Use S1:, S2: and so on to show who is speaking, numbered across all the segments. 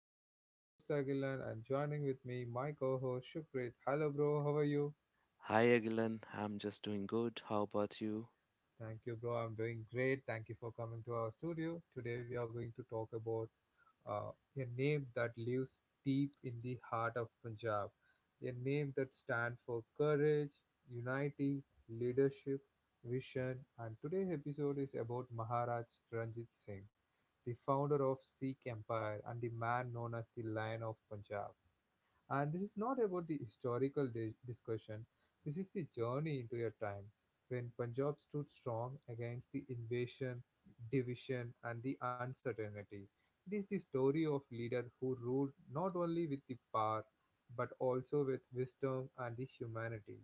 S1: This is your host Agilan and joining with me my co-host Shukrit. Hello bro, how are you?
S2: Hi Agilan, I'm just doing good. How about you?
S1: Thank you, bro. I'm doing great. Thank you for coming to our studio. Today, we are going to talk about uh, a name that lives deep in the heart of Punjab, a name that stands for courage, unity, leadership, vision. And today's episode is about Maharaj Ranjit Singh, the founder of Sikh Empire and the man known as the Lion of Punjab. And this is not about the historical discussion, this is the journey into a time when Punjab stood strong against the invasion, division, and the uncertainty. It is the story of leader who ruled not only with the power but also with wisdom and the humanity.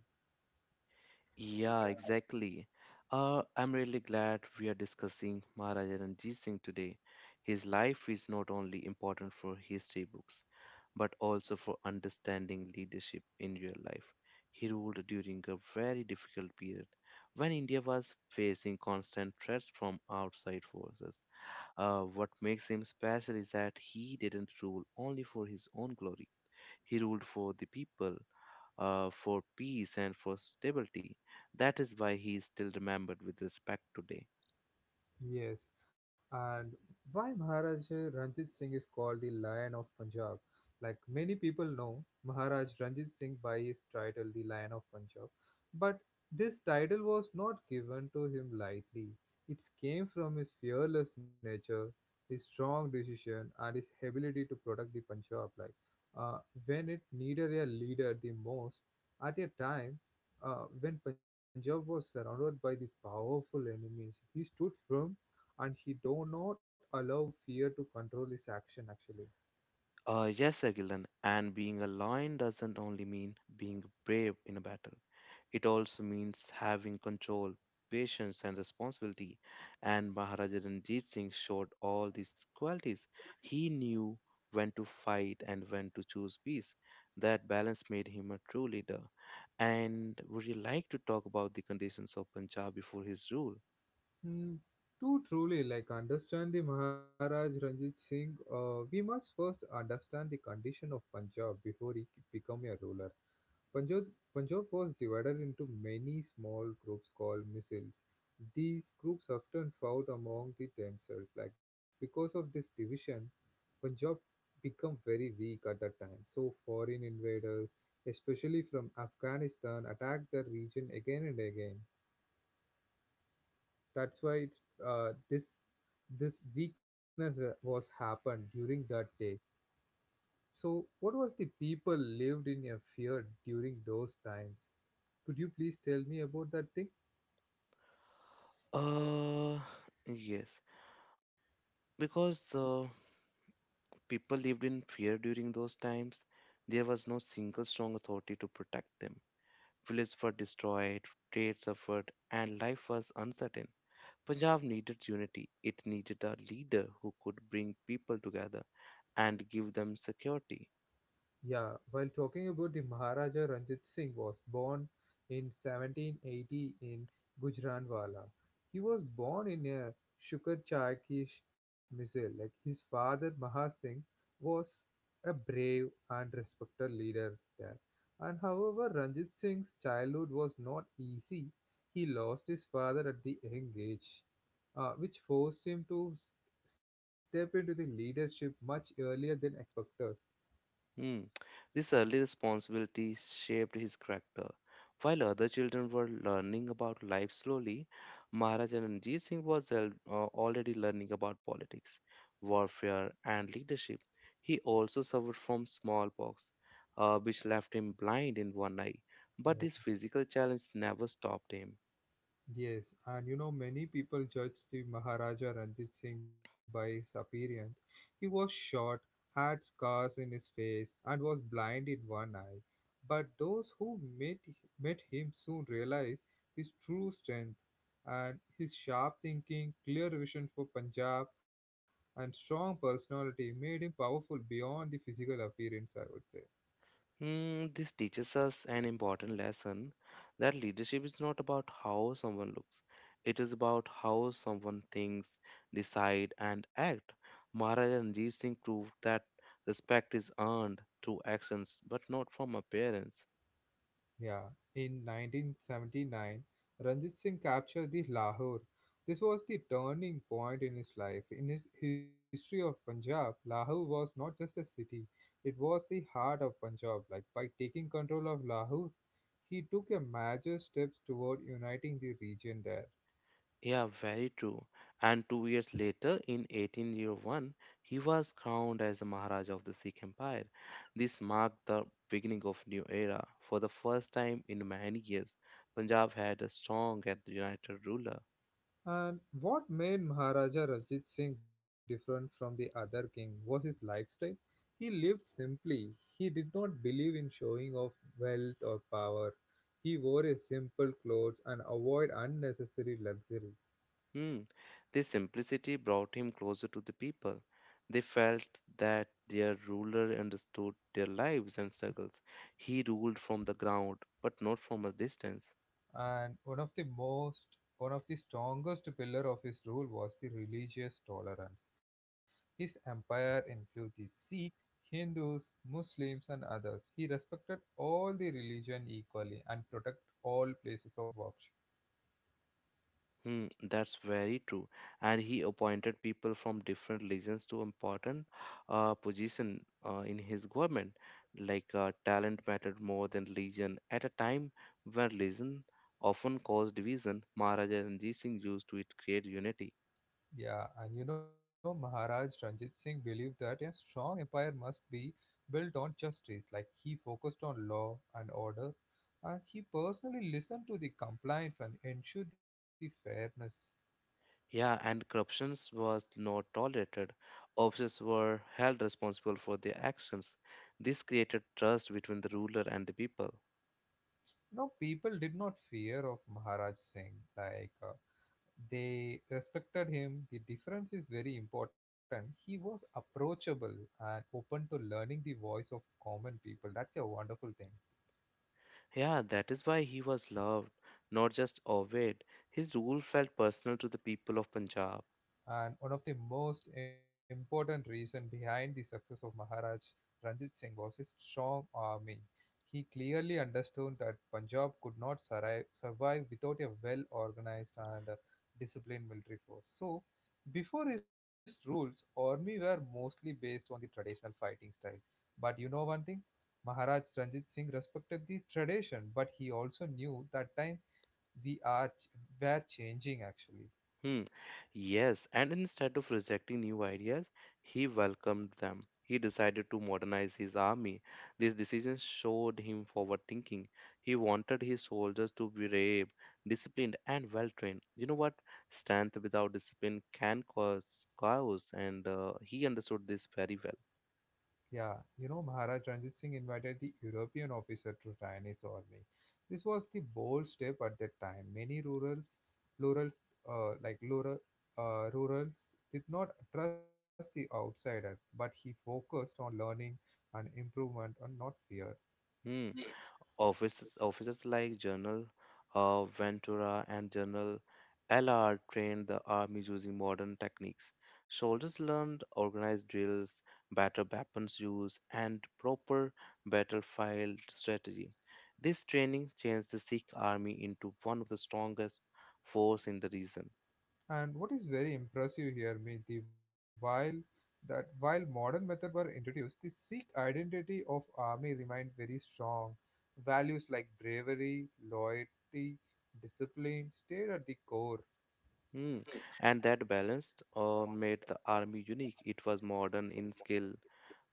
S2: Yeah, exactly. I'm really glad we are discussing Maharaja Ranjit Singh today. His life is not only important for history books, but also for understanding leadership in real life. He ruled during a very difficult period when India was facing constant threats from outside forces. What makes him special is that he didn't rule only for his own glory. He ruled for the people, for peace, and for stability. That is why he is still remembered with respect today.
S1: Yes, and why Maharaja Ranjit Singh is called the Lion of Punjab? Like many people know, Maharaj Ranjit Singh by his title, the Lion of Punjab. But this title was not given to him lightly. It came from his fearless nature, his strong decision, and his ability to protect the Punjab. Like uh, when it needed a leader the most, at a time when Punjab was surrounded by the powerful enemies, he stood firm and he do not allow fear to control his action actually.
S2: Yes, Agilan, and being a lion doesn't only mean being brave in a battle. It also means having control, patience, and responsibility. And Maharaja Ranjit Singh showed all these qualities. He knew when to fight and when to choose peace. That balance made him a true leader. And would you like to talk about the conditions of Punjab before his rule?
S1: Hmm. Too truly, like understand the Maharaj Ranjit Singh, we must first understand the condition of Punjab before he become a ruler. Punjab, Punjab was divided into many small groups called missiles. These groups often fought among the themselves. Like because of this division, Punjab became very weak at that time. So foreign invaders, especially from Afghanistan, attacked the region again and again. That's why it's this this weakness was happened during that day. So, what was the people lived in a fear during those times? Could you please tell me about that thing?
S2: Uh, yes, because people lived in fear during those times. There was no single strong authority to protect them. Villages were destroyed, trade suffered, and life was uncertain. Punjab needed unity. It needed a leader who could bring people together and give them security.
S1: Yeah, while talking about the Maharaja Ranjit Singh was born in 1780 in Gujranwala. He was born in a Shukar Chakish Misal. Like his father Maha Singh was a brave and respected leader there. And however, Ranjit Singh's childhood was not easy. He lost his father at the young age, which forced him to step into the leadership much earlier than expected.
S2: Hmm. This early responsibility shaped his character. While other children were learning about life slowly, Maharaja Ranjit Singh was already learning about politics, warfare, and leadership. He also suffered from smallpox, which left him blind in one eye, but this physical challenge never stopped him.
S1: Yes, and you know, many people judge the Maharaja Ranjit Singh by his appearance. He was short, had scars in his face, and was blind in one eye. But those who met him soon realized his true strength and his sharp thinking, clear vision for Punjab, and strong personality made him powerful beyond the physical appearance, I would say.
S2: Hmm, this teaches us an important lesson that leadership is not about how someone looks. It is about how someone thinks, decide, and act. Maharaj Ranjit Singh proved that respect is earned through actions, but not from appearance.
S1: Yeah, in 1979, Ranjit Singh captured the Lahore. This was the turning point in his life. In his history of Punjab, Lahore was not just a city, it was the heart of Punjab. Like by taking control of Lahore, he took a major steps toward uniting the region there.
S2: Yeah, very true. And 2 years later, in 1801, he was crowned as the Maharaja of the Sikh Empire. This marked the beginning of new era. For the first time in many years, Punjab had a strong and united ruler.
S1: And what made Maharaja Ranjit Singh different from the other king was his lifestyle. He lived simply. He did not believe in showing off wealth or power. He wore a simple clothes and avoid unnecessary luxury.
S2: Hmm. This simplicity brought him closer to the people. They felt that their ruler understood their lives and struggles. He ruled from the ground, but not from a distance.
S1: And one of the strongest pillar of his rule was the religious tolerance. His empire included the Sikhs, Hindus, Muslims and others. He respected all the religion equally and protected all places of worship.
S2: Hmm, that's very true. And he appointed people from different legions to important position in his government. Like talent mattered more than legion at a time when legion often caused division. Maharaja Ranjit Singh used to it create unity.
S1: Yeah, and you know, Maharaj Ranjit Singh believed that a strong empire must be built on justice. Like he focused on law and order, and he personally listened to the complaints and ensured the fairness.
S2: Yeah, and corruptions was not tolerated. Officers were held responsible for their actions. This created trust between the ruler and the people.
S1: No, people did not fear of Maharaj Singh. Like they respected him. The difference is very important. He was approachable and open to learning the voice of common people. That's a wonderful thing.
S2: Yeah, that is why he was loved, not just obeyed. His rule felt personal to the people of Punjab.
S1: And one of the most important reasons behind the success of Maharaj Ranjit Singh was his strong army. He clearly understood that Punjab could not survive without a well organized and disciplined military force. So, before his rules, army were mostly based on the traditional fighting style. But you know one thing, Maharaj Ranjit Singh respected the tradition, but he also knew that time were changing actually.
S2: Hmm. Yes, and instead of rejecting new ideas, he welcomed them. He decided to modernize his army. This decision showed him forward thinking. He wanted his soldiers to be brave, disciplined, and well trained. You know what? Strength without discipline can cause chaos, and he understood this very well.
S1: Yeah, you know, Maharaj Ranjit Singh invited the European officer to join his army. This was the bold step at that time. Many rurals, uh, like rural, rurals did not trust the outsider, but he focused on learning and improvement and not fear.
S2: Hmm. Offices like General Ventura and General Allard trained the army using modern techniques. Soldiers learned organized drills, better weapons use, and proper battlefield strategy. This training changed the Sikh army into one of the strongest force in the region.
S1: And what is very impressive here, me, while that while modern methods were introduced, the Sikh identity of army remained very strong. Values like bravery, loyalty, discipline stayed at the core.
S2: Mm. And that balance made the army unique. It was modern in scale,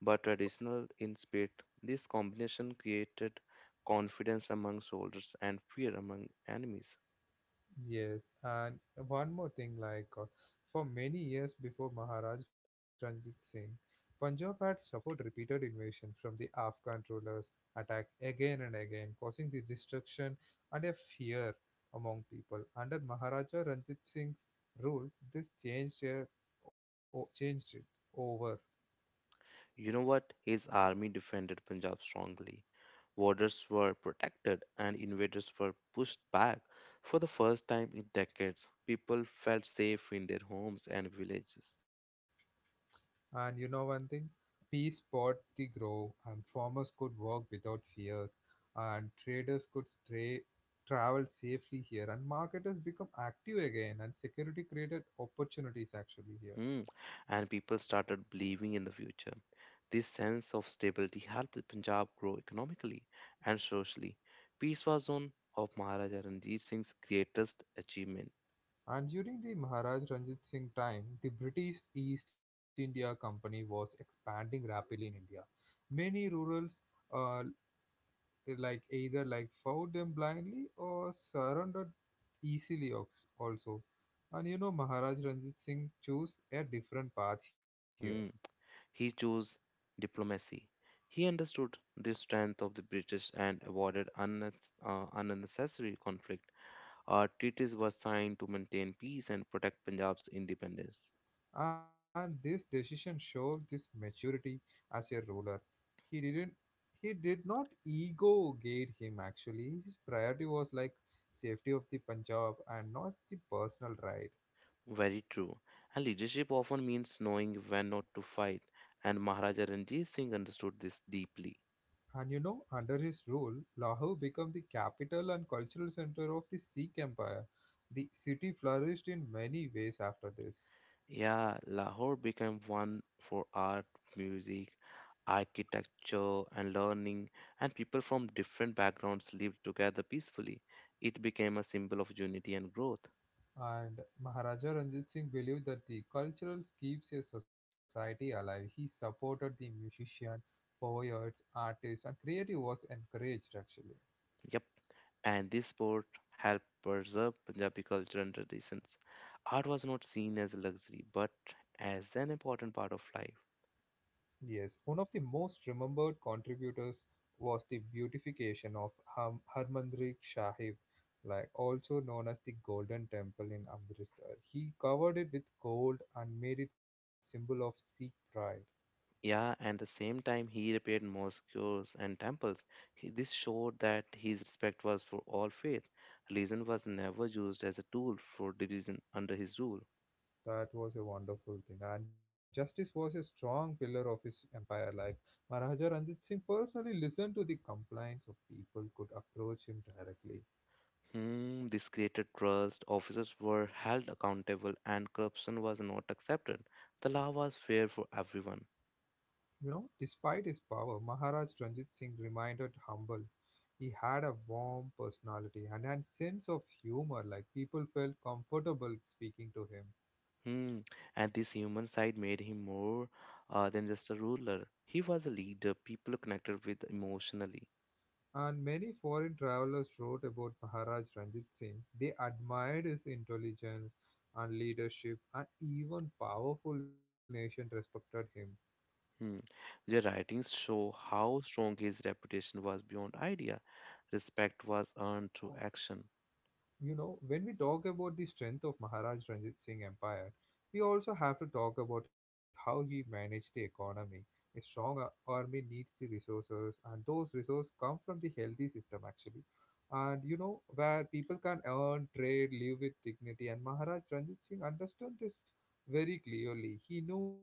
S2: but traditional in spirit. This combination created confidence among soldiers and fear among enemies.
S1: Yes, and one more thing, like for many years before Maharaj Ranjit Singh, Punjab had suffered repeated invasion from the Afghan rulers, attacked again and again, causing the destruction and a fear among people. Under Maharaja Ranjit Singh's rule, this changed, changed it over.
S2: You know what? His army defended Punjab strongly. Borders were protected and invaders were pushed back. For the first time in decades, people felt safe in their homes and villages.
S1: And you know one thing? Peace bought the grove, and farmers could work without fears, and traders could travel safely here, and marketers become active again, and security created opportunities actually here.
S2: Hmm. And people started believing in the future. This sense of stability helped the Punjab grow economically and socially. Peace was one of Maharaja Ranjit Singh's greatest achievement.
S1: And during the Maharaj Ranjit Singh time, the British East India Company was expanding rapidly in India. Many rurals uh, like either like fought them blindly or surrendered easily also, and you know, Maharaj Ranjit Singh chose a different path here.
S2: Hmm. He chose diplomacy. He understood the strength of the British and avoided unnecessary conflict. Treaties were signed to maintain peace and protect Punjab's independence.
S1: And this decision showed this maturity as a ruler. He didn't he did not ego gate him actually. His priority was like safety of the Punjab and not the personal right.
S2: Very true. And leadership often means knowing when not to fight, and Maharaja Ranjit Singh understood this deeply.
S1: And you know, under his rule, Lahore became the capital and cultural center of the Sikh Empire. The city flourished in many ways after this.
S2: Yeah, Lahore became one for art, music, architecture, and learning, and people from different backgrounds lived together peacefully. It became a symbol of unity and growth.
S1: And Maharaja Ranjit Singh believed that the cultural keeps a society alive. He supported the musician, poets, artists, and creative was encouraged actually.
S2: Yep, and this sport helped preserve Punjabi culture and traditions. Art was not seen as a luxury, but as an important part of life.
S1: Yes, one of the most remembered contributors was the beautification of Harmandir Sahib, like also known as the Golden Temple in Amritsar. He covered it with gold and made it symbol of Sikh pride.
S2: Yeah, and the same time he repaired mosques and temples. This showed that his respect was for all faith. Religion was never used as a tool for division under his rule.
S1: That was a wonderful thing. And justice was a strong pillar of his empire. Like Maharaja Ranjit Singh personally listened to the complaints of people could approach him directly.
S2: Hmm, this created trust, officers were held accountable, and corruption was not accepted. The law was fair for everyone.
S1: You know, despite his power, Maharaj Ranjit Singh remained humble. He had a warm personality and a sense of humor, like people felt comfortable speaking to him.
S2: Hmm, and this human side made him more than just a ruler. He was a leader people connected with emotionally.
S1: And many foreign travelers wrote about Maharaj Ranjit Singh. They admired his intelligence and leadership, and even powerful nations respected him.
S2: Hmm. Their writings show how strong his reputation was beyond idea. Respect was earned through action.
S1: You know, when we talk about the strength of Maharaj Ranjit Singh Empire, we also have to talk about how he managed the economy. A strong army needs the resources, and those resources come from the healthy system actually. And you know, where people can earn, trade, live with dignity. And Maharaj Ranjit Singh understood this very clearly. He knew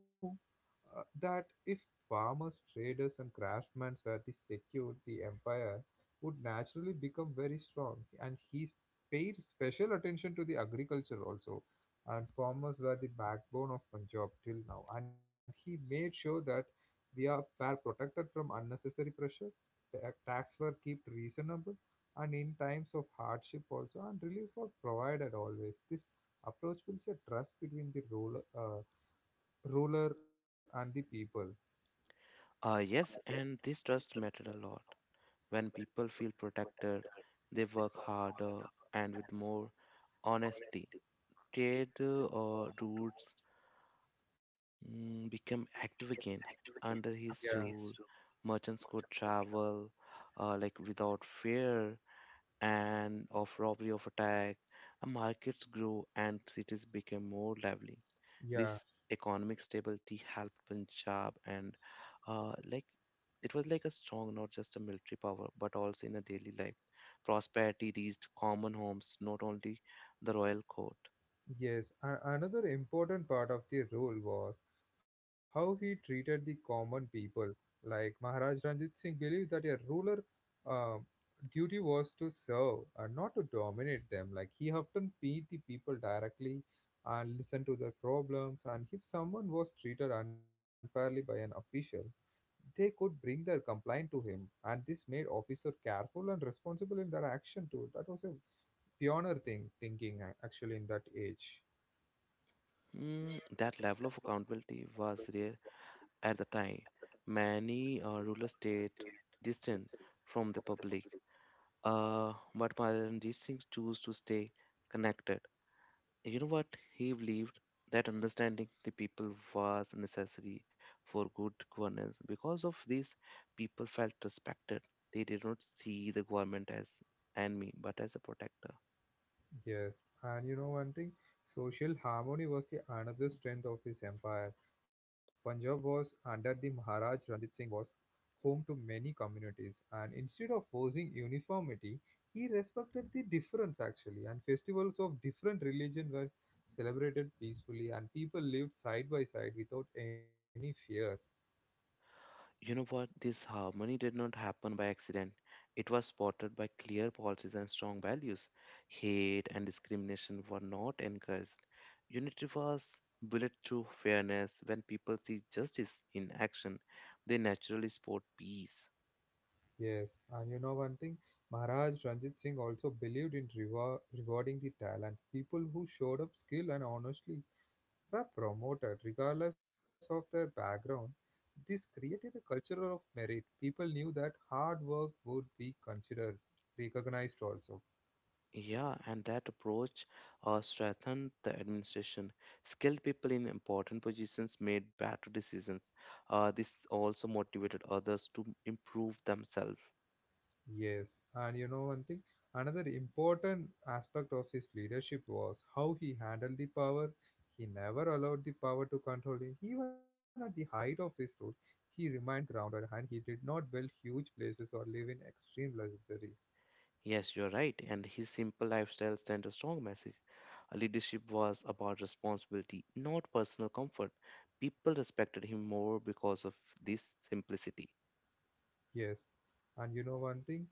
S1: that if farmers, traders, and craftsmen were the secured, the empire would naturally become very strong. And his paid special attention to the agriculture also, and farmers were the backbone of Punjab till now. And he made sure that we are were protected from unnecessary pressure, the tax were kept reasonable, and in times of hardship also, and relief was provided always. This approach builds a trust between the ruler and the people.
S2: Ah, yes, and this trust mattered a lot. When people feel protected, they work harder and with more honesty. Trade or routes became active again. Under his
S1: Yeah,
S2: rule, merchants could travel like without fear. And of robbery of attack and markets grew and cities became more lively. This
S1: yeah.
S2: economic stability helped Punjab and like it was like a strong not just a military power but also in a daily life prosperity reached common homes not only the royal court.
S1: Yes, and another important part of the role was how he treated the common people. Like Maharaj Ranjit Singh believed that a ruler uh, duty was to serve and not to dominate them. Like he often beat the people directly and listened to their problems. And if someone was treated unfairly by an official, they could bring their complaint to him. And this made officers careful and responsible in their action too. That was a pioneer thing thinking actually in that age.
S2: Hmm, that level of accountability was rare at the time many rural states distant from the public. But Maharajandit Singh choose to stay connected. You know what? He believed that understanding the people was necessary for good governance. Because of this, people felt respected. They did not see the government as enemy, but as a protector.
S1: Yes, and you know one thing, social harmony was the another strength of his empire. Punjab was under the Maharaj Ranjit Singh was home to many communities, and instead of forcing uniformity, he respected the difference actually, and festivals of different religion were celebrated peacefully, and people lived side by side without any fear.
S2: You know what? This harmony did not happen by accident. It was spotted by clear policies and strong values. Hate and discrimination were not encouraged. Unity was built through fairness. When people see justice in action, they naturally support peace.
S1: Yes, and you know one thing, Maharaj Ranjit Singh also believed in rewarding the talent, people who showed up skill and honestly were promoted regardless of their background. This created a culture of merit. People knew that hard work would be considered, recognized also.
S2: Yeah, and that approach strengthened the administration. Skilled people in important positions made better decisions. This also motivated others to improve themselves.
S1: Yes, and you know one thing, another important aspect of his leadership was how he handled the power. He never allowed the power to control him. Even at the height of his rule, he remained grounded and he did not build huge places or live in extreme luxury.
S2: Yes, you're right. And his simple lifestyle sent a strong message. Leadership was about responsibility, not personal comfort. People respected him more because of this simplicity.
S1: Yes, and you know one thing,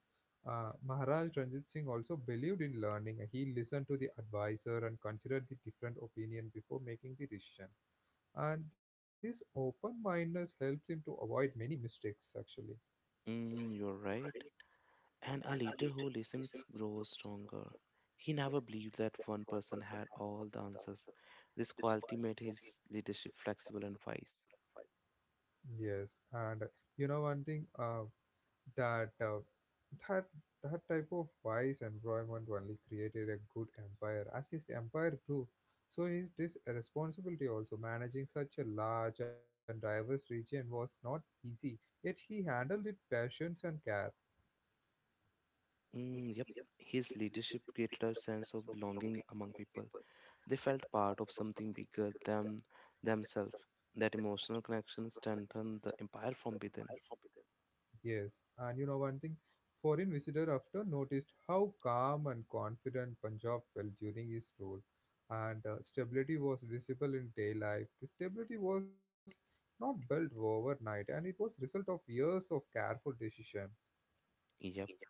S1: Maharaj Ranjit Singh also believed in learning. He listened to the advisor and considered the different opinion before making the decision. And this open-mindedness helps him to avoid many mistakes, actually.
S2: Mm, you're right. And a leader who listens grows stronger. He never believed that one person had all the answers. This quality made his leadership flexible and wise.
S1: Yes, and you know one thing that that that type of wise employment only created a good empire. As his empire grew, so his this responsibility also managing such a large and diverse region was not easy. Yet he handled it patience and care.
S2: Mm, yep, his leadership created a sense of belonging among people. They felt part of something bigger than themselves. That emotional connection strengthened the empire from within.
S1: Yes, and you know one thing, foreign visitor often noticed how calm and confident Punjab felt during his rule, and stability was visible in day life. The stability was not built overnight, and it was result of years of careful decision.
S2: Yep.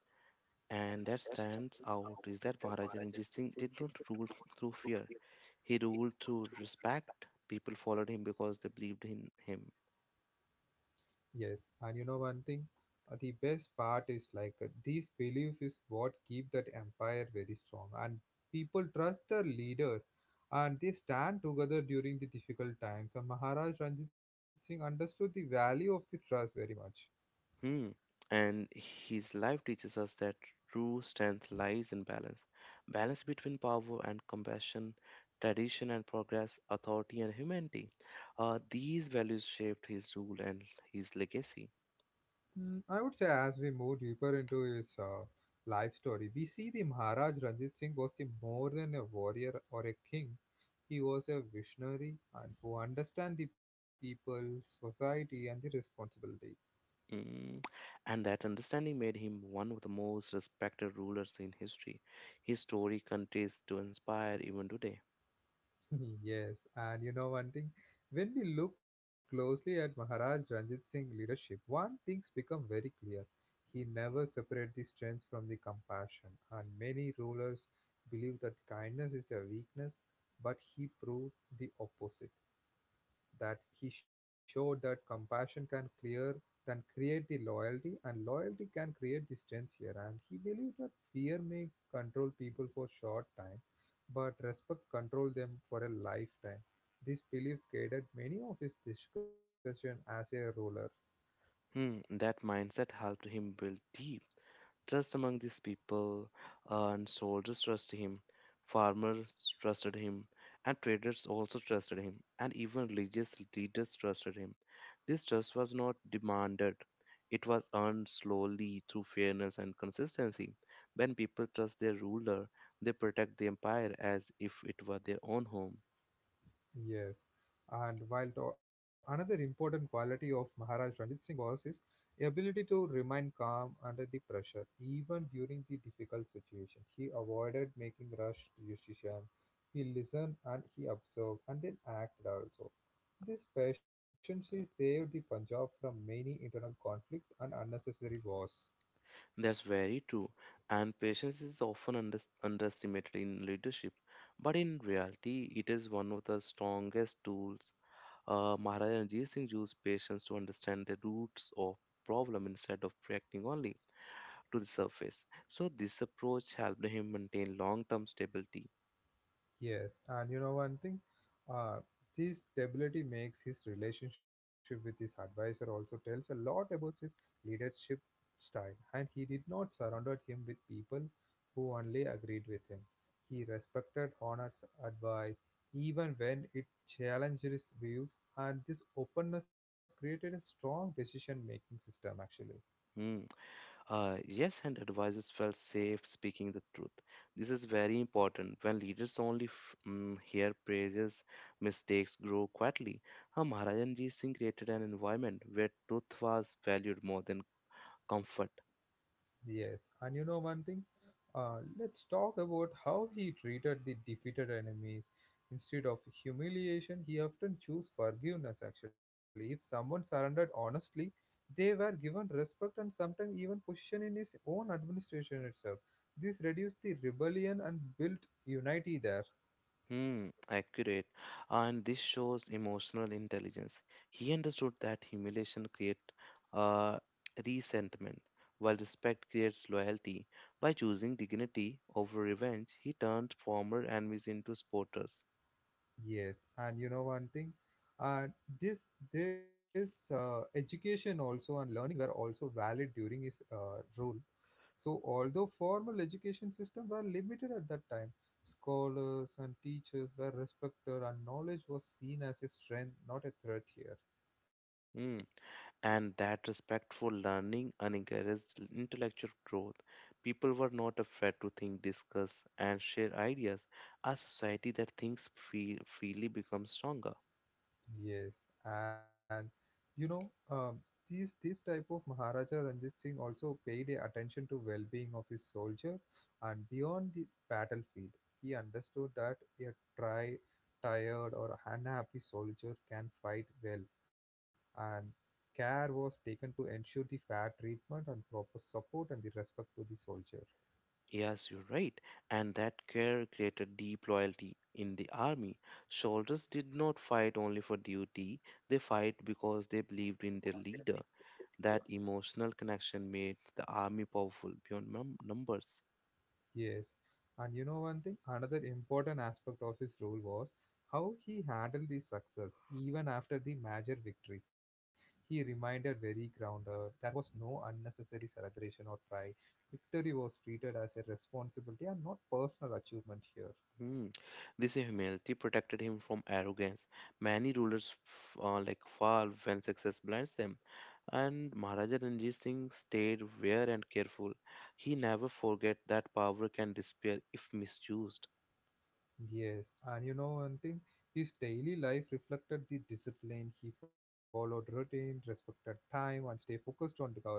S2: And that stands out is that Maharaja Ranjit Singh did not rule through fear. He ruled through respect. People followed him because they believed in him.
S1: Yes, and you know one thing, the best part is these beliefs is what keep that empire very strong, and people trust their leader, and they stand together during the difficult times. And Maharaj Ranjit Singh understood the value of the trust very much.
S2: Hmm. And his life teaches us that true strength lies in balance balance between power and compassion, tradition and progress, authority and humanity. These values shaped his rule and his legacy.
S1: I would say as we move deeper into his life story, we see the Maharaj Ranjit Singh was the more than a warrior or a king. He was a visionary and who understand the people, society, and the responsibility.
S2: Mm. And that understanding made him one of the most respected rulers in history. His story continues to inspire even today.
S1: Yes, and you know one thing, when we look closely at Maharaj Ranjit Singh's leadership, one thing's become very clear. He never separated the strength from the compassion, and many rulers believe that kindness is a weakness, but he proved the opposite that he showed that compassion can clear can create the loyalty and loyalty can create the strength here, and he believed that fear may control people for short time but respect control them for a lifetime. This belief guided many of his discussion as a ruler.
S2: Hmm. That mindset helped him build deep. Trust among these people and soldiers trusted him, farmers trusted him, and traders also trusted him, and even religious leaders trusted him. This trust was not demanded, it was earned slowly through fairness and consistency. When people trust their ruler, they protect the empire as if it were their own home.
S1: Yes, and another important quality of Maharaj Ranjit Singh was his ability to remain calm under the pressure, even during the difficult situation. He avoided making rushed decisions. He listened and he observed and then acted also. This patience saved the Punjab from many internal conflicts and unnecessary wars.
S2: That's very true, and patience is often underestimated in leadership, but in reality, it is one of the strongest tools. Maharaja Ranjit Singh used patience to understand the roots of problem instead of reacting only to the surface. So this approach helped him maintain long-term stability.
S1: Yes, and you know one thing, uh, this stability makes his relationship with his advisor also tells a lot about his leadership style. And he did not surround him with people who only agreed with him. He respected honest advice even when it challenged his views, and this openness created a strong decision-making system actually.
S2: Hmm. Yes, and advisors felt safe speaking the truth. This is very important. When leaders only hear praises, mistakes grow quietly. Maharaja Ranjit Singh created an environment where truth was valued more than comfort.
S1: Yes, and you know one thing? Let's talk about how he treated the defeated enemies. Instead of humiliation, he often chose forgiveness actually. If someone surrendered honestly, they were given respect and sometimes even position in his own administration itself. This reduced the rebellion and built unity there.
S2: Hmm, accurate. And this shows emotional intelligence. He understood that humiliation creates uh, resentment, while respect creates loyalty. By choosing dignity over revenge, he turned former enemies into supporters.
S1: Yes, and you know one thing, uh, this this education also and learning were also valid during his rule. So although formal education system were limited at that time, scholars and teachers were respected, and knowledge was seen as a strength, not a threat here.
S2: Hmm. And that respect for learning and encouraged intellectual growth. People were not afraid to think, discuss, and share ideas. A society that thinks freely becomes stronger.
S1: Yes, and you know, these type of Maharaja Ranjit Singh also paid a attention to well-being of his soldier, and beyond the battlefield, he understood that a try tired, or unhappy soldier can fight well, and care was taken to ensure the fair treatment and proper support and the respect to the soldier.
S2: Yes, you're right. And that care created deep loyalty in the army. Soldiers did not fight only for duty, they fight because they believed in their leader. That emotional connection made the army powerful beyond numbers.
S1: Yes. And you know one thing, another important aspect of his role was how he handled the success even after the major victory. He reminded very grounded there was no unnecessary celebration or pride. Victory was treated as a responsibility and not personal achievement here.
S2: Hmm. This humility protected him from arrogance. Many rulers like fall when success blinds them, and Maharaja Ranjit Singh stayed aware and careful. He never forget that power can disappear if misused.
S1: Yes, and you know one thing, his daily life reflected the discipline he followed, routine, respected time, and stay focused on the governance.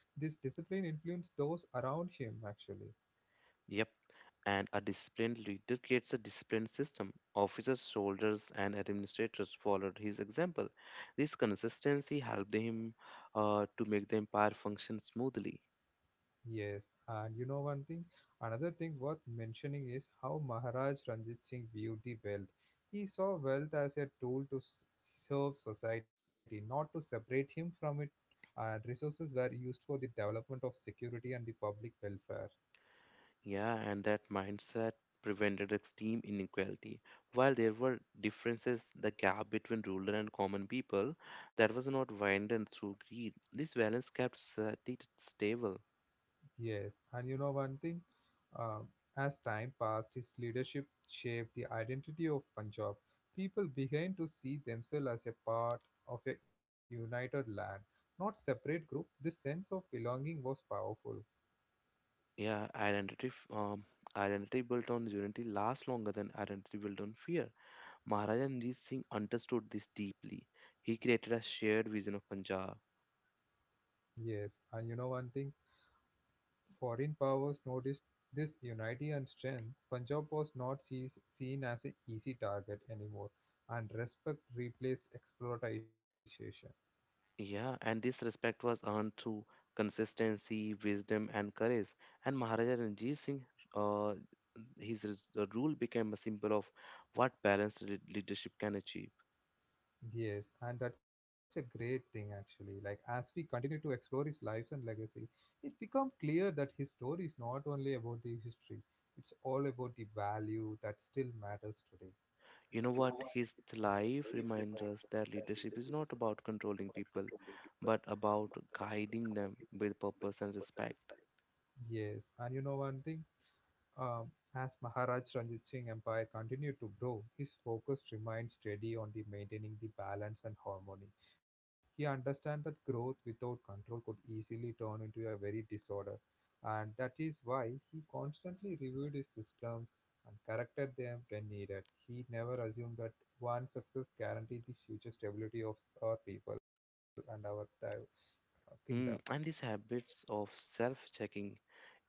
S1: This discipline influenced those around him actually.
S2: Yep, and a disciplined leader creates a disciplined system. Officers, soldiers, and administrators followed his example. This consistency helped him to make the empire function smoothly.
S1: Yes, and you know one thing, another thing worth mentioning is how Maharaj Ranjit Singh viewed the wealth. He saw wealth as a tool to serve society, not to separate him from it, and resources were used for the development of security and the public welfare.
S2: Yeah, and that mindset prevented extreme inequality. While there were differences, the gap between ruler and common people that was not widened through greed. This balance kept society stable.
S1: Yes, and you know one thing? Um, as time passed, his leadership shaped the identity of Punjab. People began to see themselves as a part of a united land, not separate group. This sense of belonging was powerful.
S2: Yeah, identity built on unity lasts longer than identity built on fear. Maharaja Ranjit Singh understood this deeply. He created a shared vision of Punjab.
S1: Yes, and you know one thing? Foreign powers noticed this unity and strength. Punjab was not sees, seen as an easy target anymore, and respect replaced exploitation.
S2: Yeah, and this respect was earned through consistency, wisdom, and courage. And Maharaja Ranjit Singh, uh, rule became a symbol of what balanced leadership can achieve.
S1: Yes, and that's a great thing actually. Like, as we continue to explore his life and legacy, it becomes clear that his story is not only about the history, it's all about the value that still matters today.
S2: You know what? His life reminds us that leadership is not about controlling people, but about guiding them with purpose and respect.
S1: Yes, and you know one thing? As Maharaj Ranjit Singh empire continued to grow, his focus remained steady on the maintaining the balance and harmony. He understands that growth without control could easily turn into a very disorder, and that is why he constantly reviewed his systems and corrected them when needed. He never assumed that one success guaranteed the future stability of our people and our kingdom.
S2: Hmm. And these habits of self checking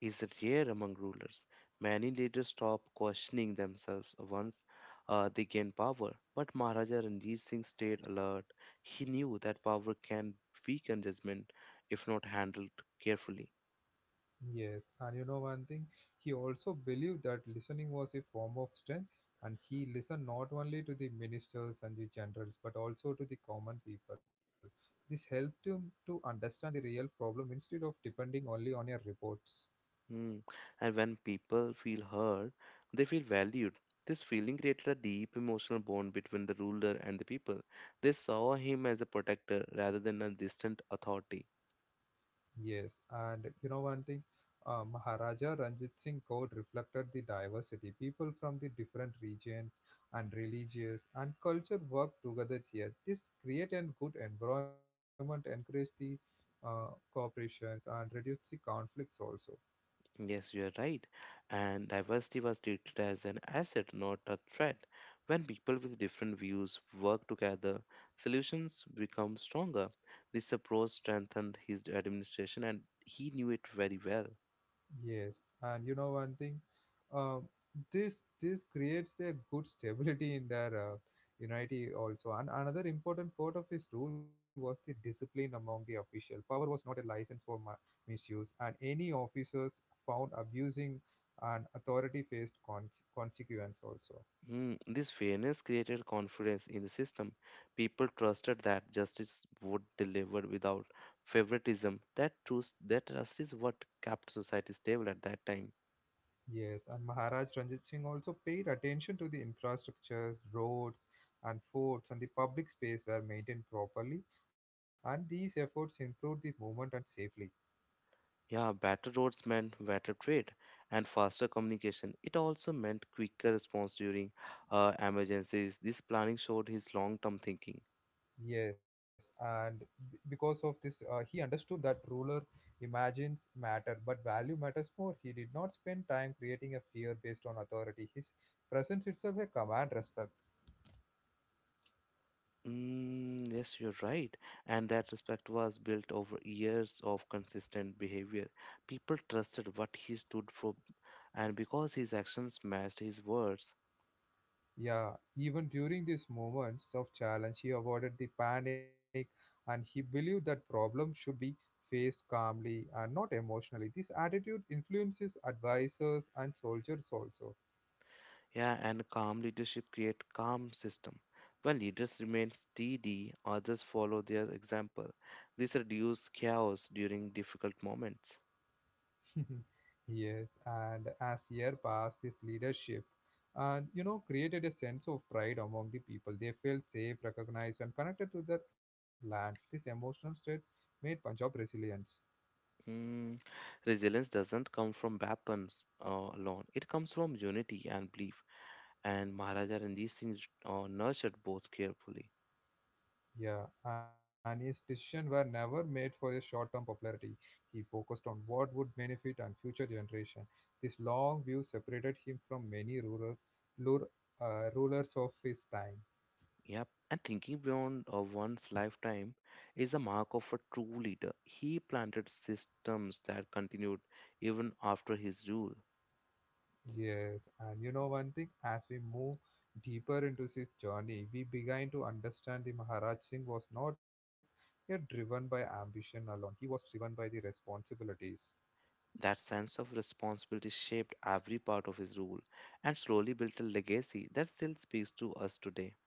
S2: is rare among rulers. Many leaders stop questioning themselves once they gain power. But Maharaja Ranjit Singh stayed alert. He knew that power can weaken judgment if not handled carefully.
S1: Yes, and you know one thing, he also believed that listening was a form of strength, and he listened not only to the ministers and the generals but also to the common people. This helped him to understand the real problem instead of depending only on your reports.
S2: Mm. And when people feel heard, they feel valued. This feeling created a deep emotional bond between the ruler and the people. They saw him as a protector rather than a distant authority.
S1: Yes, and you know one thing, Maharaja Ranjit Singh Code reflected the diversity. People from the different regions and religious and culture work together here. This create a good environment, encourage the uh, cooperations and reduce the conflicts also.
S2: Yes, you are right. And diversity was treated as an asset, not a threat. When people with different views work together, solutions become stronger. This approach strengthened his administration, and he knew it very well.
S1: Yes, and you know one thing, um, this this creates a good stability in their unity also. And another important part of his rule was the discipline among the official. Power was not a license for misuse, and any officers found abusing an authority faced consequence also.
S2: Hmm, this fairness created confidence in the system. People trusted that justice would deliver without favoritism. That trust is what kept society stable at that time.
S1: Yes, and Maharaj Ranjit Singh also paid attention to the infrastructures, roads, and forts, and the public space were maintained properly. And these efforts improved the movement and safely.
S2: Yeah, better roads meant better trade and faster communication. It also meant quicker response during emergencies. This planning showed his long-term thinking.
S1: Yes, and because of this, he understood that ruler imagines matter, but value matters more. He did not spend time creating a fear based on authority. His presence itself a command respect.
S2: Mm, yes, you're right. And that respect was built over years of consistent behavior. People trusted what he stood for, and because his actions matched his words.
S1: Yeah, even during these moments of challenge, he avoided the panic and he believed that problems should be faced calmly and not emotionally. This attitude influences advisors and soldiers also.
S2: Yeah, and calm leadership create calm system. When leaders remain steady, others follow their example. This reduces chaos during difficult moments.
S1: Yes, and as year passed, his leadership and you know created a sense of pride among the people. They felt safe, recognized, and connected to their land. This emotional state made Punjab resilient.
S2: Mm, resilience doesn't come from weapons alone. It comes from unity and belief. And Maharaja Ranjit Singh nurtured both carefully.
S1: Yeah, and his decisions were never made for a short-term popularity. He focused on what would benefit and future generation. This long view separated him from many lur, rulers of his time.
S2: Yep. And thinking beyond one's lifetime is the mark of a true leader. He planted systems that continued even after his rule.
S1: Yes, and you know one thing, as we move deeper into his journey, we begin to understand the Maharaj Singh was not yet driven by ambition alone. He was driven by the responsibilities.
S2: That sense of responsibility shaped every part of his rule and slowly built a legacy that still speaks to us today.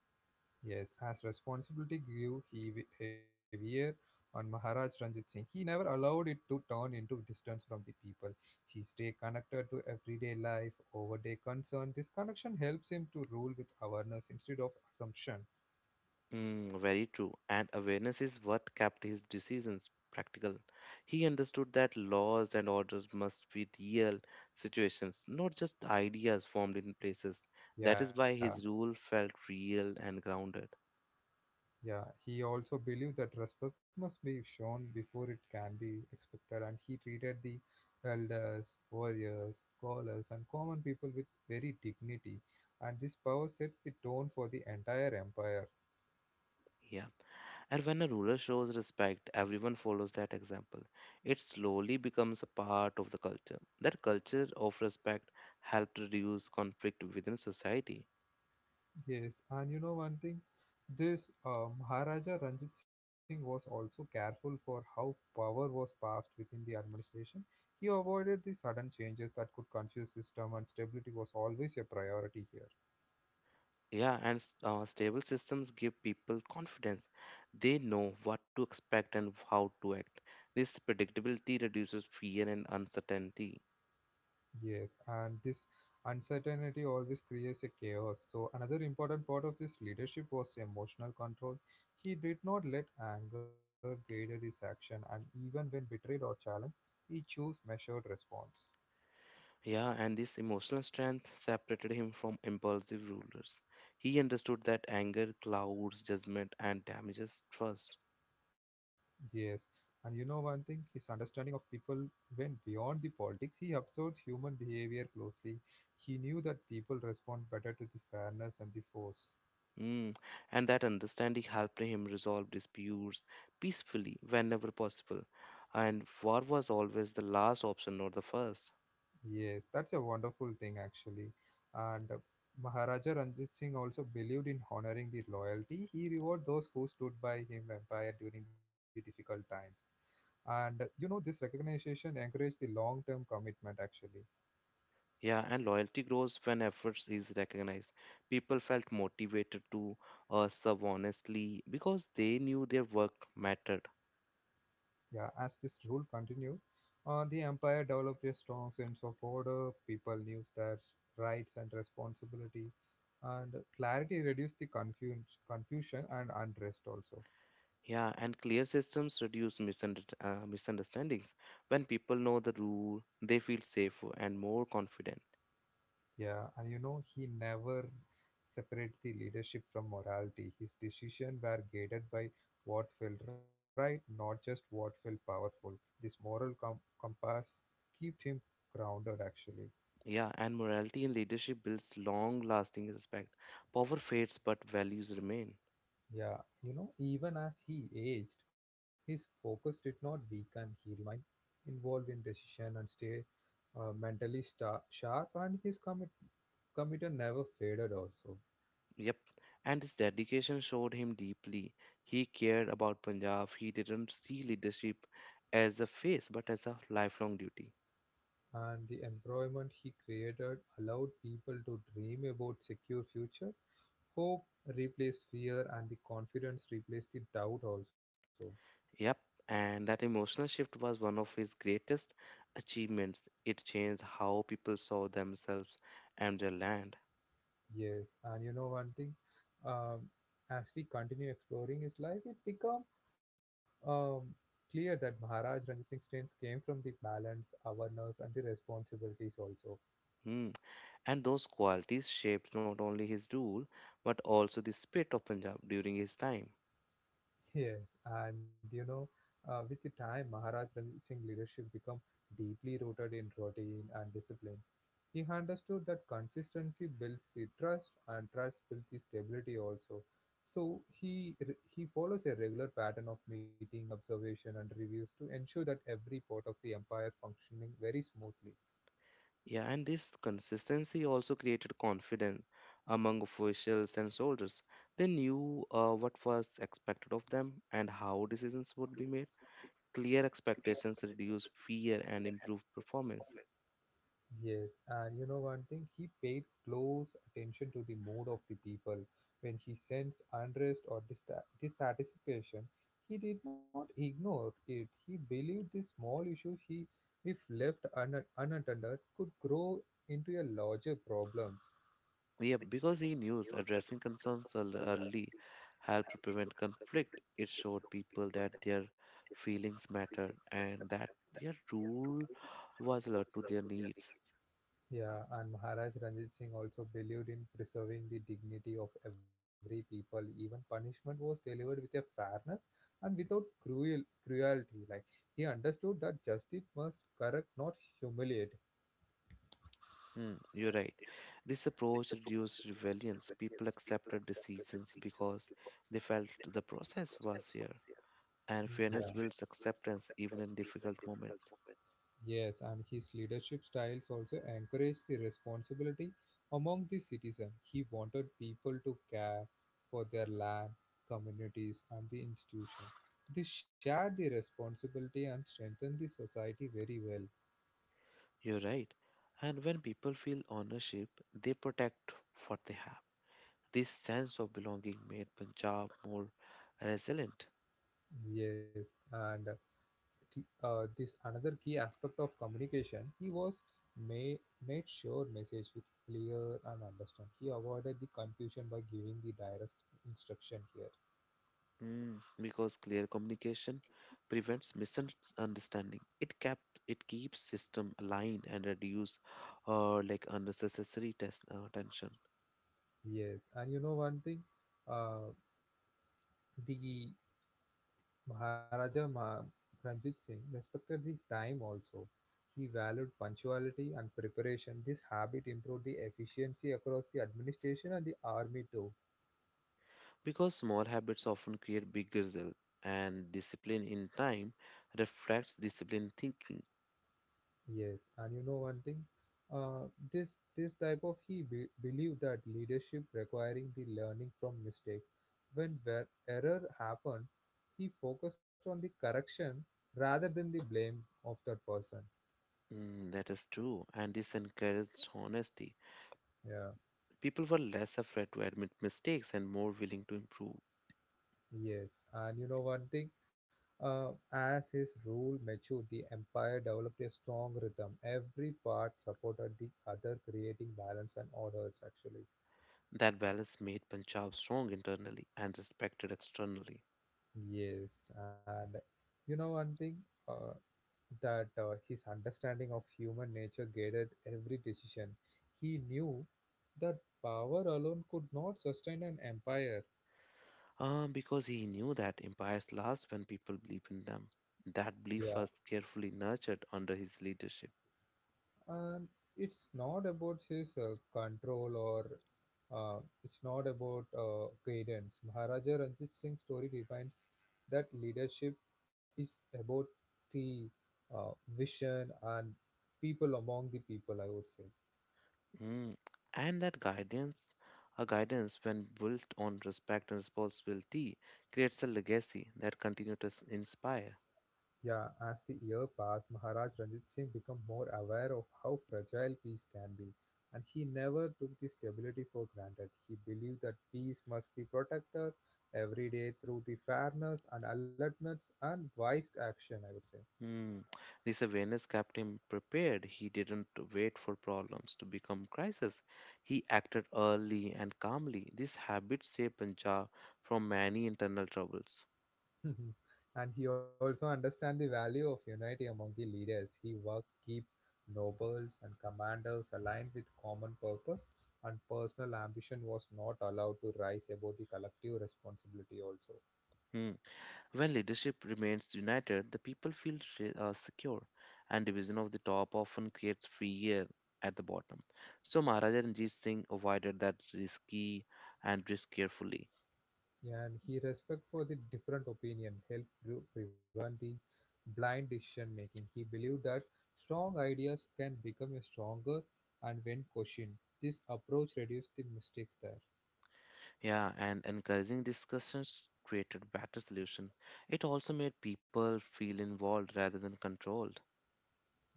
S1: Yes, as responsibility grew heavier on Maharaj Ranjit Singh, he never allowed it to turn into distance from the people. He stayed connected to everyday life, overday concern. This connection helps him to rule with awareness instead of assumption.
S2: Mm, very true. And awareness is what kept his decisions practical. He understood that laws and orders must be real situations, not just ideas formed in places. That is
S1: Yeah,
S2: why his rule felt real and grounded.
S1: yeah. He also believed that respect must be shown before it can be expected, and he treated the elders, warriors, scholars, and common people with very dignity. And this power sets the tone for the entire empire.
S2: Yeah. And when a ruler shows respect, everyone follows that example. It slowly becomes a part of the culture. That culture of respect helped reduce conflict within society.
S1: Yes, and you know one thing, this Maharaja Ranjit Singh was also careful for how power was passed within the administration. He avoided the sudden changes that could confuse system, and stability was always a priority here.
S2: Yeah, and stable systems give people confidence. They know what to expect and how to act. This predictability reduces fear and uncertainty.
S1: Yes, and this uncertainty always creates a chaos. So another important part of his leadership was emotional control. He did not let anger guide his action, and even when betrayed or challenged, he chose measured response.
S2: Yeah, and this emotional strength separated him from impulsive rulers. He understood that anger clouds judgment and damages trust.
S1: Yes, and you know one thing, his understanding of people went beyond the politics. He observed human behavior closely. He knew that people respond better to the fairness and the force.
S2: Mm. And that understanding helped him resolve disputes peacefully whenever possible. And war was always the last option, not the first.
S1: Yes, that's a wonderful thing actually. And Maharaja Ranjit Singh also believed in honoring the loyalty. He rewarded those who stood by him empire during the difficult times. And you know, this recognition encouraged the long term commitment actually.
S2: Yeah, and loyalty grows when efforts is recognized. People felt motivated to serve honestly because they knew their work mattered.
S1: Yeah, as this rule continued, the empire developed a strong sense of order. People knew their rights and responsibility, and clarity reduced the confusion and unrest also.
S2: Yeah, and clear systems reduce misunderstandings. When people know the rule, they feel safer and more confident.
S1: Yeah, and you know he never separated the leadership from morality. His decisions were guided by what felt right, not just what felt powerful. This compass kept him grounded actually.
S2: Yeah, and morality in leadership builds long lasting respect. Power fades, but values remain.
S1: Yeah, you know, even as he aged, his focus did not weaken. He remained involved in decision and stay mentally sta sharp, and his commitment never faded also.
S2: Yep, and his dedication showed him deeply. He cared about Punjab. He didn't see leadership as a phase, but as a lifelong duty.
S1: And the environment he created allowed people to dream about secure future. Hope replaced fear, and the confidence replaced the doubt also.
S2: Yep, and that emotional shift was one of his greatest achievements. It changed how people saw themselves and their land.
S1: Yes, and you know one thing, um, as we continue exploring his life, it become um, clear that Maharaj Ranjit Singh came from the balance, awareness, and the responsibilities also.
S2: Hmm. And those qualities shaped not only his rule, but also the spirit of Punjab during his time.
S1: Yes, and you know, with the time, Maharaj Ranjit Singh leadership become deeply rooted in routine and discipline. He understood that consistency builds the trust, and trust builds the stability also. So he follows a regular pattern of meeting, observation, and reviews to ensure that every part of the empire functioning very smoothly.
S2: Yeah, and this consistency also created confidence among officials and soldiers. They knew what was expected of them and how decisions would be made. Clear expectations reduce fear and improve performance.
S1: Yes, and you know one thing, he paid close attention to the mood of the people. When he sensed unrest or dissatisfaction, he did not ignore it. He believed the small issues he, if left unattended, could grow into a larger problems.
S2: Yeah, because he knew addressing concerns early helped prevent conflict. It showed people that their feelings mattered and that their rule was alert to their needs.
S1: Yeah, and Maharaj Ranjit Singh also believed in preserving the dignity of every people. Even punishment was delivered with a fairness and without cruelty. Like he understood that justice must correct, not humiliate.
S2: Mm, you're right. This approach reduced rebellions. People accepted decisions because they felt the process was here. And
S1: Yeah.
S2: fairness builds acceptance even in difficult moments.
S1: Yes, and his leadership styles also encouraged the responsibility among the citizens. He wanted people to care for their land, communities, and the institutions. This shared the responsibility and strengthened the society very well.
S2: You're right. And when people feel ownership, they protect what they have. This sense of belonging made Punjab more resilient.
S1: Yes, and this another key aspect of communication. He was may, made sure message with clear and understand. He avoided the confusion by giving the direct instruction here.
S2: Mm, because clear communication prevents misunderstanding. It keeps system aligned and reduce unnecessary tension.
S1: Yes, and you know one thing, uh, the Maharaja Ma- Ranjit Singh respected the time also. He valued punctuality and preparation. This habit improved the efficiency across the administration and the army too.
S2: Because small habits often create big results, and discipline in time reflects disciplined thinking.
S1: Yes, and you know one thing, uh, this this type of he believe that leadership requiring the learning from mistake. When where error happened, he focused on the correction rather than the blame of that person.
S2: Mm, that is true, and this encouraged honesty.
S1: Yeah,
S2: People were less afraid to admit mistakes and more willing to improve.
S1: yes, and you know one thing, as his rule matured, the empire developed a strong rhythm. Every part supported the other, creating balance and orders. Actually,
S2: That balance made Punjab strong internally and respected externally.
S1: yes, and you know one thing. Uh, that His understanding of human nature guided every decision. He knew that power alone could not sustain an empire.
S2: Because he knew that empires last when people believe in them. That
S1: Yeah,
S2: belief was carefully nurtured under his leadership.
S1: and it's not about his control or uh, it's not about guidance. Maharaja Ranjit Singh's story defines that leadership is about the uh, vision and people among the people, I would say.
S2: Mm. And that guidance when built on respect and responsibility, creates a legacy that continues to inspire.
S1: Yeah, as the year passed, Maharaj Ranjit Singh became more aware of how fragile peace can be, and he never took the stability for granted. He believed that peace must be protected every day through the fairness and alertness and wise action, I would say.
S2: Mm. This awareness kept him prepared. He didn't wait for problems to become crisis. He acted early and calmly. This habit saved Punjab from many internal troubles.
S1: And he also understand the value of unity among the leaders. He worked keep nobles and commanders aligned with common purpose and personal ambition was not allowed to rise above the collective responsibility also.
S2: Hmm. When leadership remains united, the people feel secure, and division of the top often creates fear at the bottom. So Maharaja Ranjit Singh avoided that risk carefully.
S1: Yeah, and he respect for the different opinion helped prevent the blind decision making. He believed that strong ideas can become stronger and when questioned. This approach reduced the mistakes there.
S2: Yeah, and encouraging discussions created better solution. It also made people feel involved rather than controlled.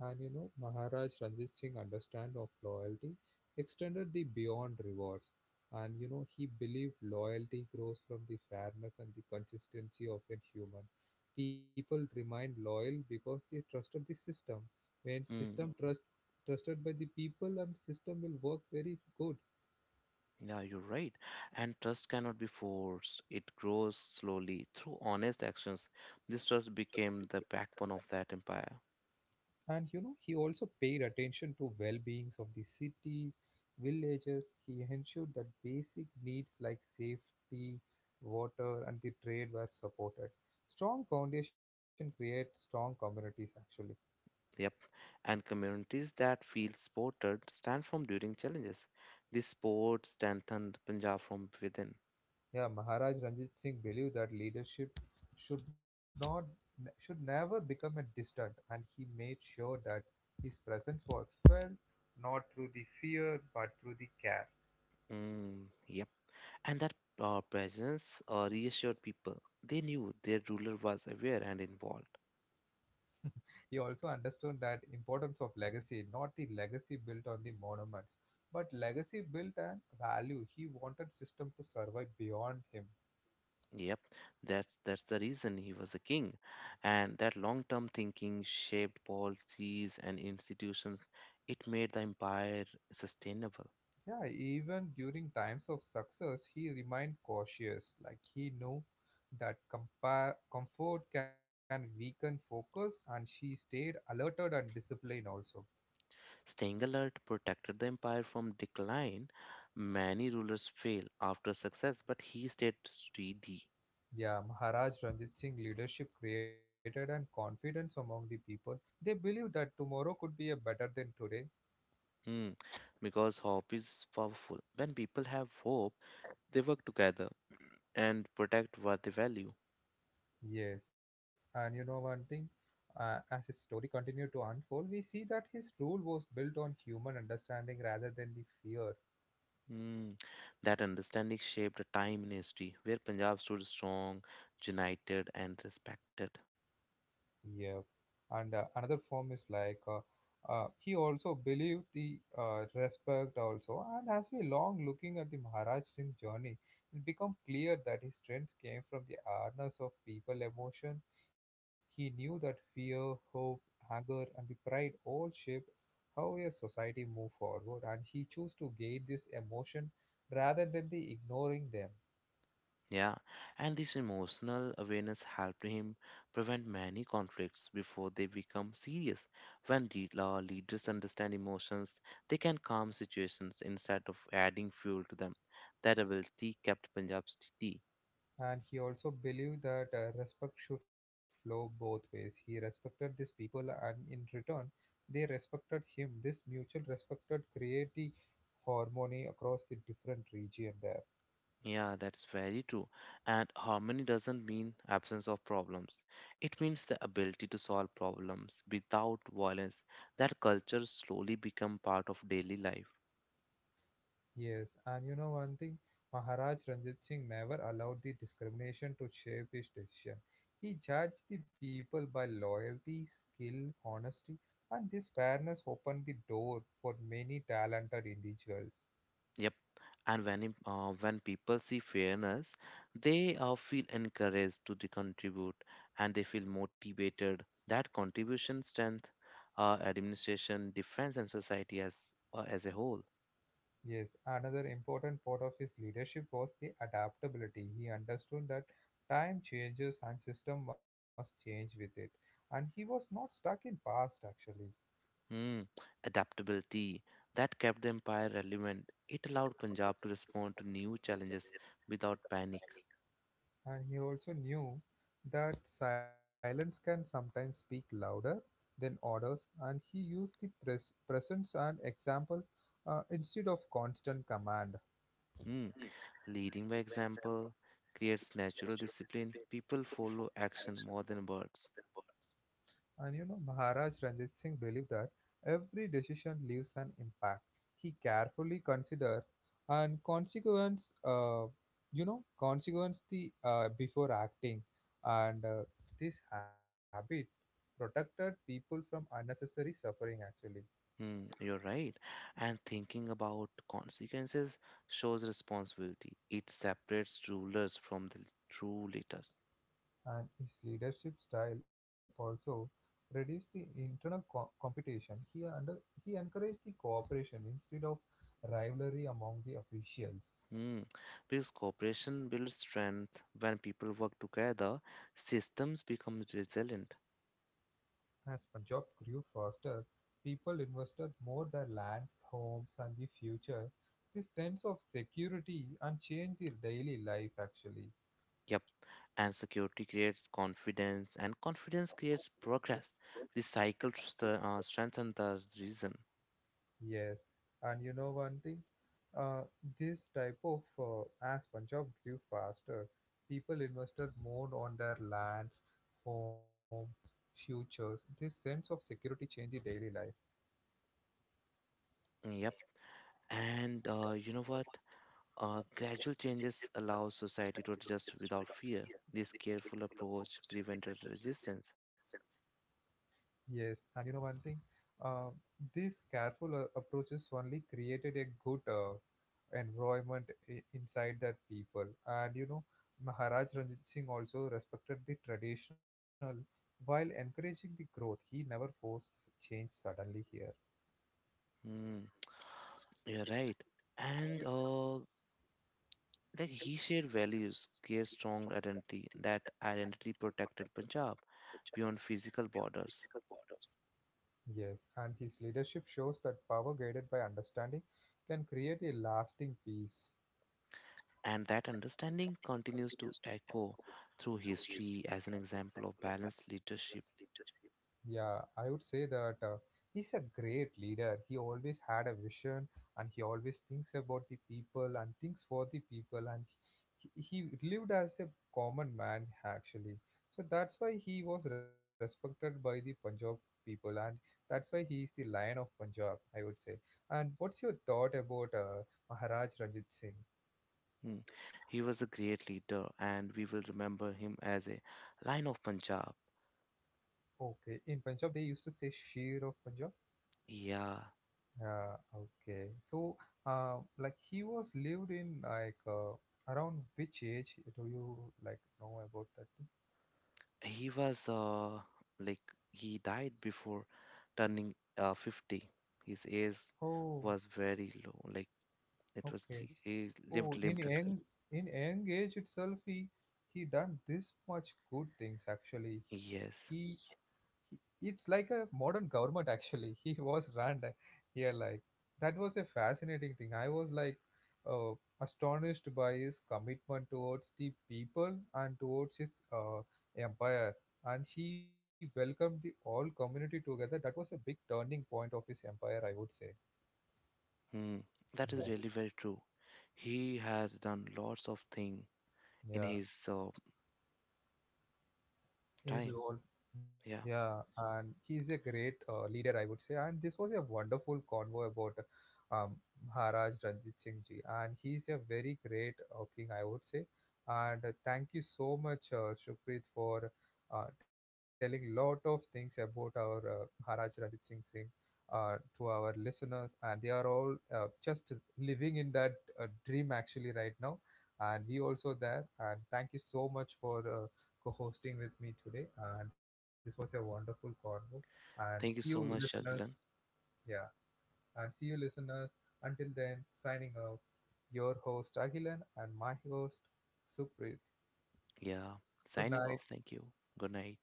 S1: And you know, Maharaj Ranjit Singh understand of loyalty extended the beyond rewards. And you know, he believed loyalty grows from the fairness and the consistency of a human. People remained loyal because they trusted the system. When
S2: Hmm.
S1: system trusted by the people and system will work very good.
S2: Yeah, you're right. And trust cannot be forced. It grows slowly through honest actions. This trust became the backbone of that empire.
S1: And you know, he also paid attention to well-beings of the cities, villages. He ensured that basic needs like safety, water, and the trade were supported. Strong foundation create strong communities. Actually,
S2: Yep. And communities that feel supported stand firm during challenges. This support strengthened Punjab from within.
S1: yeah, Maharaj Ranjit Singh believed that leadership should not should never become a distant, and he made sure that his presence was felt not through the fear but through the care.
S2: Mm, yep. And that presence reassured people. They knew their ruler was aware and involved.
S1: He also understood that importance of legacy, not the legacy built on the monuments, but legacy built on value. He wanted system to survive beyond him.
S2: Yep, that's the reason he was a king, and that long-term thinking shaped policies and institutions. It made the empire sustainable.
S1: Yeah, even during times of success, he remained cautious. Like he knew that comfort can weaken focus, and she stayed alerted and disciplined also.
S2: Staying alert protected the empire from decline. Many rulers fail after success, but he stayed steady.
S1: Yeah, Maharaj Ranjit Singh leadership created and confidence among the people. They believed that tomorrow could be a better than today.
S2: Hmm, because hope is powerful. When people have hope, they work together and protect what they value.
S1: Yes, and you know one thing, as his story continued to unfold, we see that his rule was built on human understanding rather than the fear.
S2: Hmm, that understanding shaped a time in history where Punjab stood strong, united, and respected.
S1: Yep. And another form is like he also believed the respect also. And as we long looking at the Maharaj Singh journey, it become clear that his strength came from the awareness of people emotion. He knew that fear, hope, anger, and the pride all shaped how a society move forward, and he chose to guide this emotion rather than the ignoring them.
S2: Yeah, and this emotional awareness helped him prevent many conflicts before they become serious. When leaders understand emotions, they can calm situations instead of adding fuel to them. That ability kept Punjab steady.
S1: And he also believed that respect should flow both ways. He respected these people, and in return, they respected him. This mutual respected created the harmony across the different region there.
S2: Yeah, that's very true. And harmony doesn't mean absence of problems. It means the ability to solve problems without violence. That culture slowly become part of daily life.
S1: Yes, and you know one thing, Maharaj Ranjit Singh never allowed the discrimination to shape his decision. He judged the people by loyalty, skill, honesty, and this fairness opened the door for many talented individuals.
S2: Yep. And when people see fairness, they feel encouraged to the contribute and they feel motivated. That contribution strength administration, defense, and society as a whole.
S1: Yes, another important part of his leadership was the adaptability. He understood that time changes and system must change with it. And he was not stuck in past actually.
S2: Hmm. Adaptability that kept the empire relevant. It allowed Punjab to respond to new challenges without panic.
S1: And he also knew that silence can sometimes speak louder than orders and he used the presence and example instead of constant command.
S2: Hmm. Leading by example creates natural discipline. People follow action more than words.
S1: And you know, Maharaj Ranjit Singh believed that every decision leaves an impact. He carefully considered and consequence, you know, consequence the before acting, and this habit protected people from unnecessary suffering actually.
S2: Hmm, you're right. And thinking about consequences shows responsibility. It separates rulers from the true leaders.
S1: And his leadership style also reduced the internal competition. He encouraged the cooperation instead of rivalry among the officials.
S2: Hmm. Because cooperation builds strength when people work together, systems become resilient.
S1: As Punjab grew faster, people invested more their lands, homes and the future. This sense of security and change their daily life actually.
S2: Yep. And security creates confidence, and confidence creates progress. The cycle strengthens the reason.
S1: Yes, and you know one thing, uh, this type of as Punjab grew faster, people invested more on their lands, home, futures. This sense of security changed the daily life.
S2: Yep. And you know what? Gradual changes allow society to adjust without fear. This careful approach prevented resistance.
S1: Yes, and you know one thing, uh, these careful approaches only created a good environment inside that people. And you know, Maharaj Ranjit Singh also respected the traditional while encouraging the growth. He never forced change suddenly here.
S2: Hmm, you're right. And he shared values, gave strong identity. That identity protected Punjab beyond physical borders.
S1: Yes, and his leadership shows that power guided by understanding can create a lasting peace.
S2: And that understanding continues to echo through history as an example of balanced leadership.
S1: Yeah, I would say that he's a great leader. He always had a vision and he always thinks about the people and thinks for the people. And he lived as a common man, actually. So that's why he was respected by the Punjab people. And that's why he is the Lion of Punjab, I would say. And what's your thought about Maharaj Ranjit Singh?
S2: Hmm. He was a great leader, and we will remember him as a lion of Punjab.
S1: Okay, in Punjab, they used to say Sher of Punjab.
S2: Yeah.
S1: Yeah, okay. So, like he was lived in like around which age do you like know about that thing?
S2: He was like he died before turning 50. His age
S1: Oh,
S2: was very low. Like it was
S1: okay.
S2: he
S1: Oh,
S2: lived
S1: in
S2: limited.
S1: young age itself, he done this much good things actually.
S2: Yes.
S1: It's like a modern government actually he was ran here like that was a fascinating thing I was like uh, astonished by his commitment towards the people and towards his empire and he welcomed the all community together that was a big turning point of his empire I would say
S2: Hmm. That is really very
S1: yeah
S2: true. He has done lots of thing in his
S1: yeah
S2: time.
S1: in his role.
S2: Yeah.
S1: Yeah, and he's a great leader, I would say. And this was a wonderful convo about um, Maharaj Ranjit Singh ji, and he's a very great king, I would say. And thank you so much, Shukrit, for telling lot of things about our Maharaj Ranjit Singh. To our listeners, and they are all just living in that dream actually right now, and we also there. And thank you so much for co-hosting with me today. And this was a wonderful convo. And see
S2: Thank you
S1: you,
S2: so much,
S1: listeners.
S2: Shakilan.
S1: Yeah, and see you, listeners. Until then, signing off. Your host Agilan and my host Supreet.
S2: Yeah.
S1: Good
S2: Signing
S1: night.
S2: off. Thank you. Good night.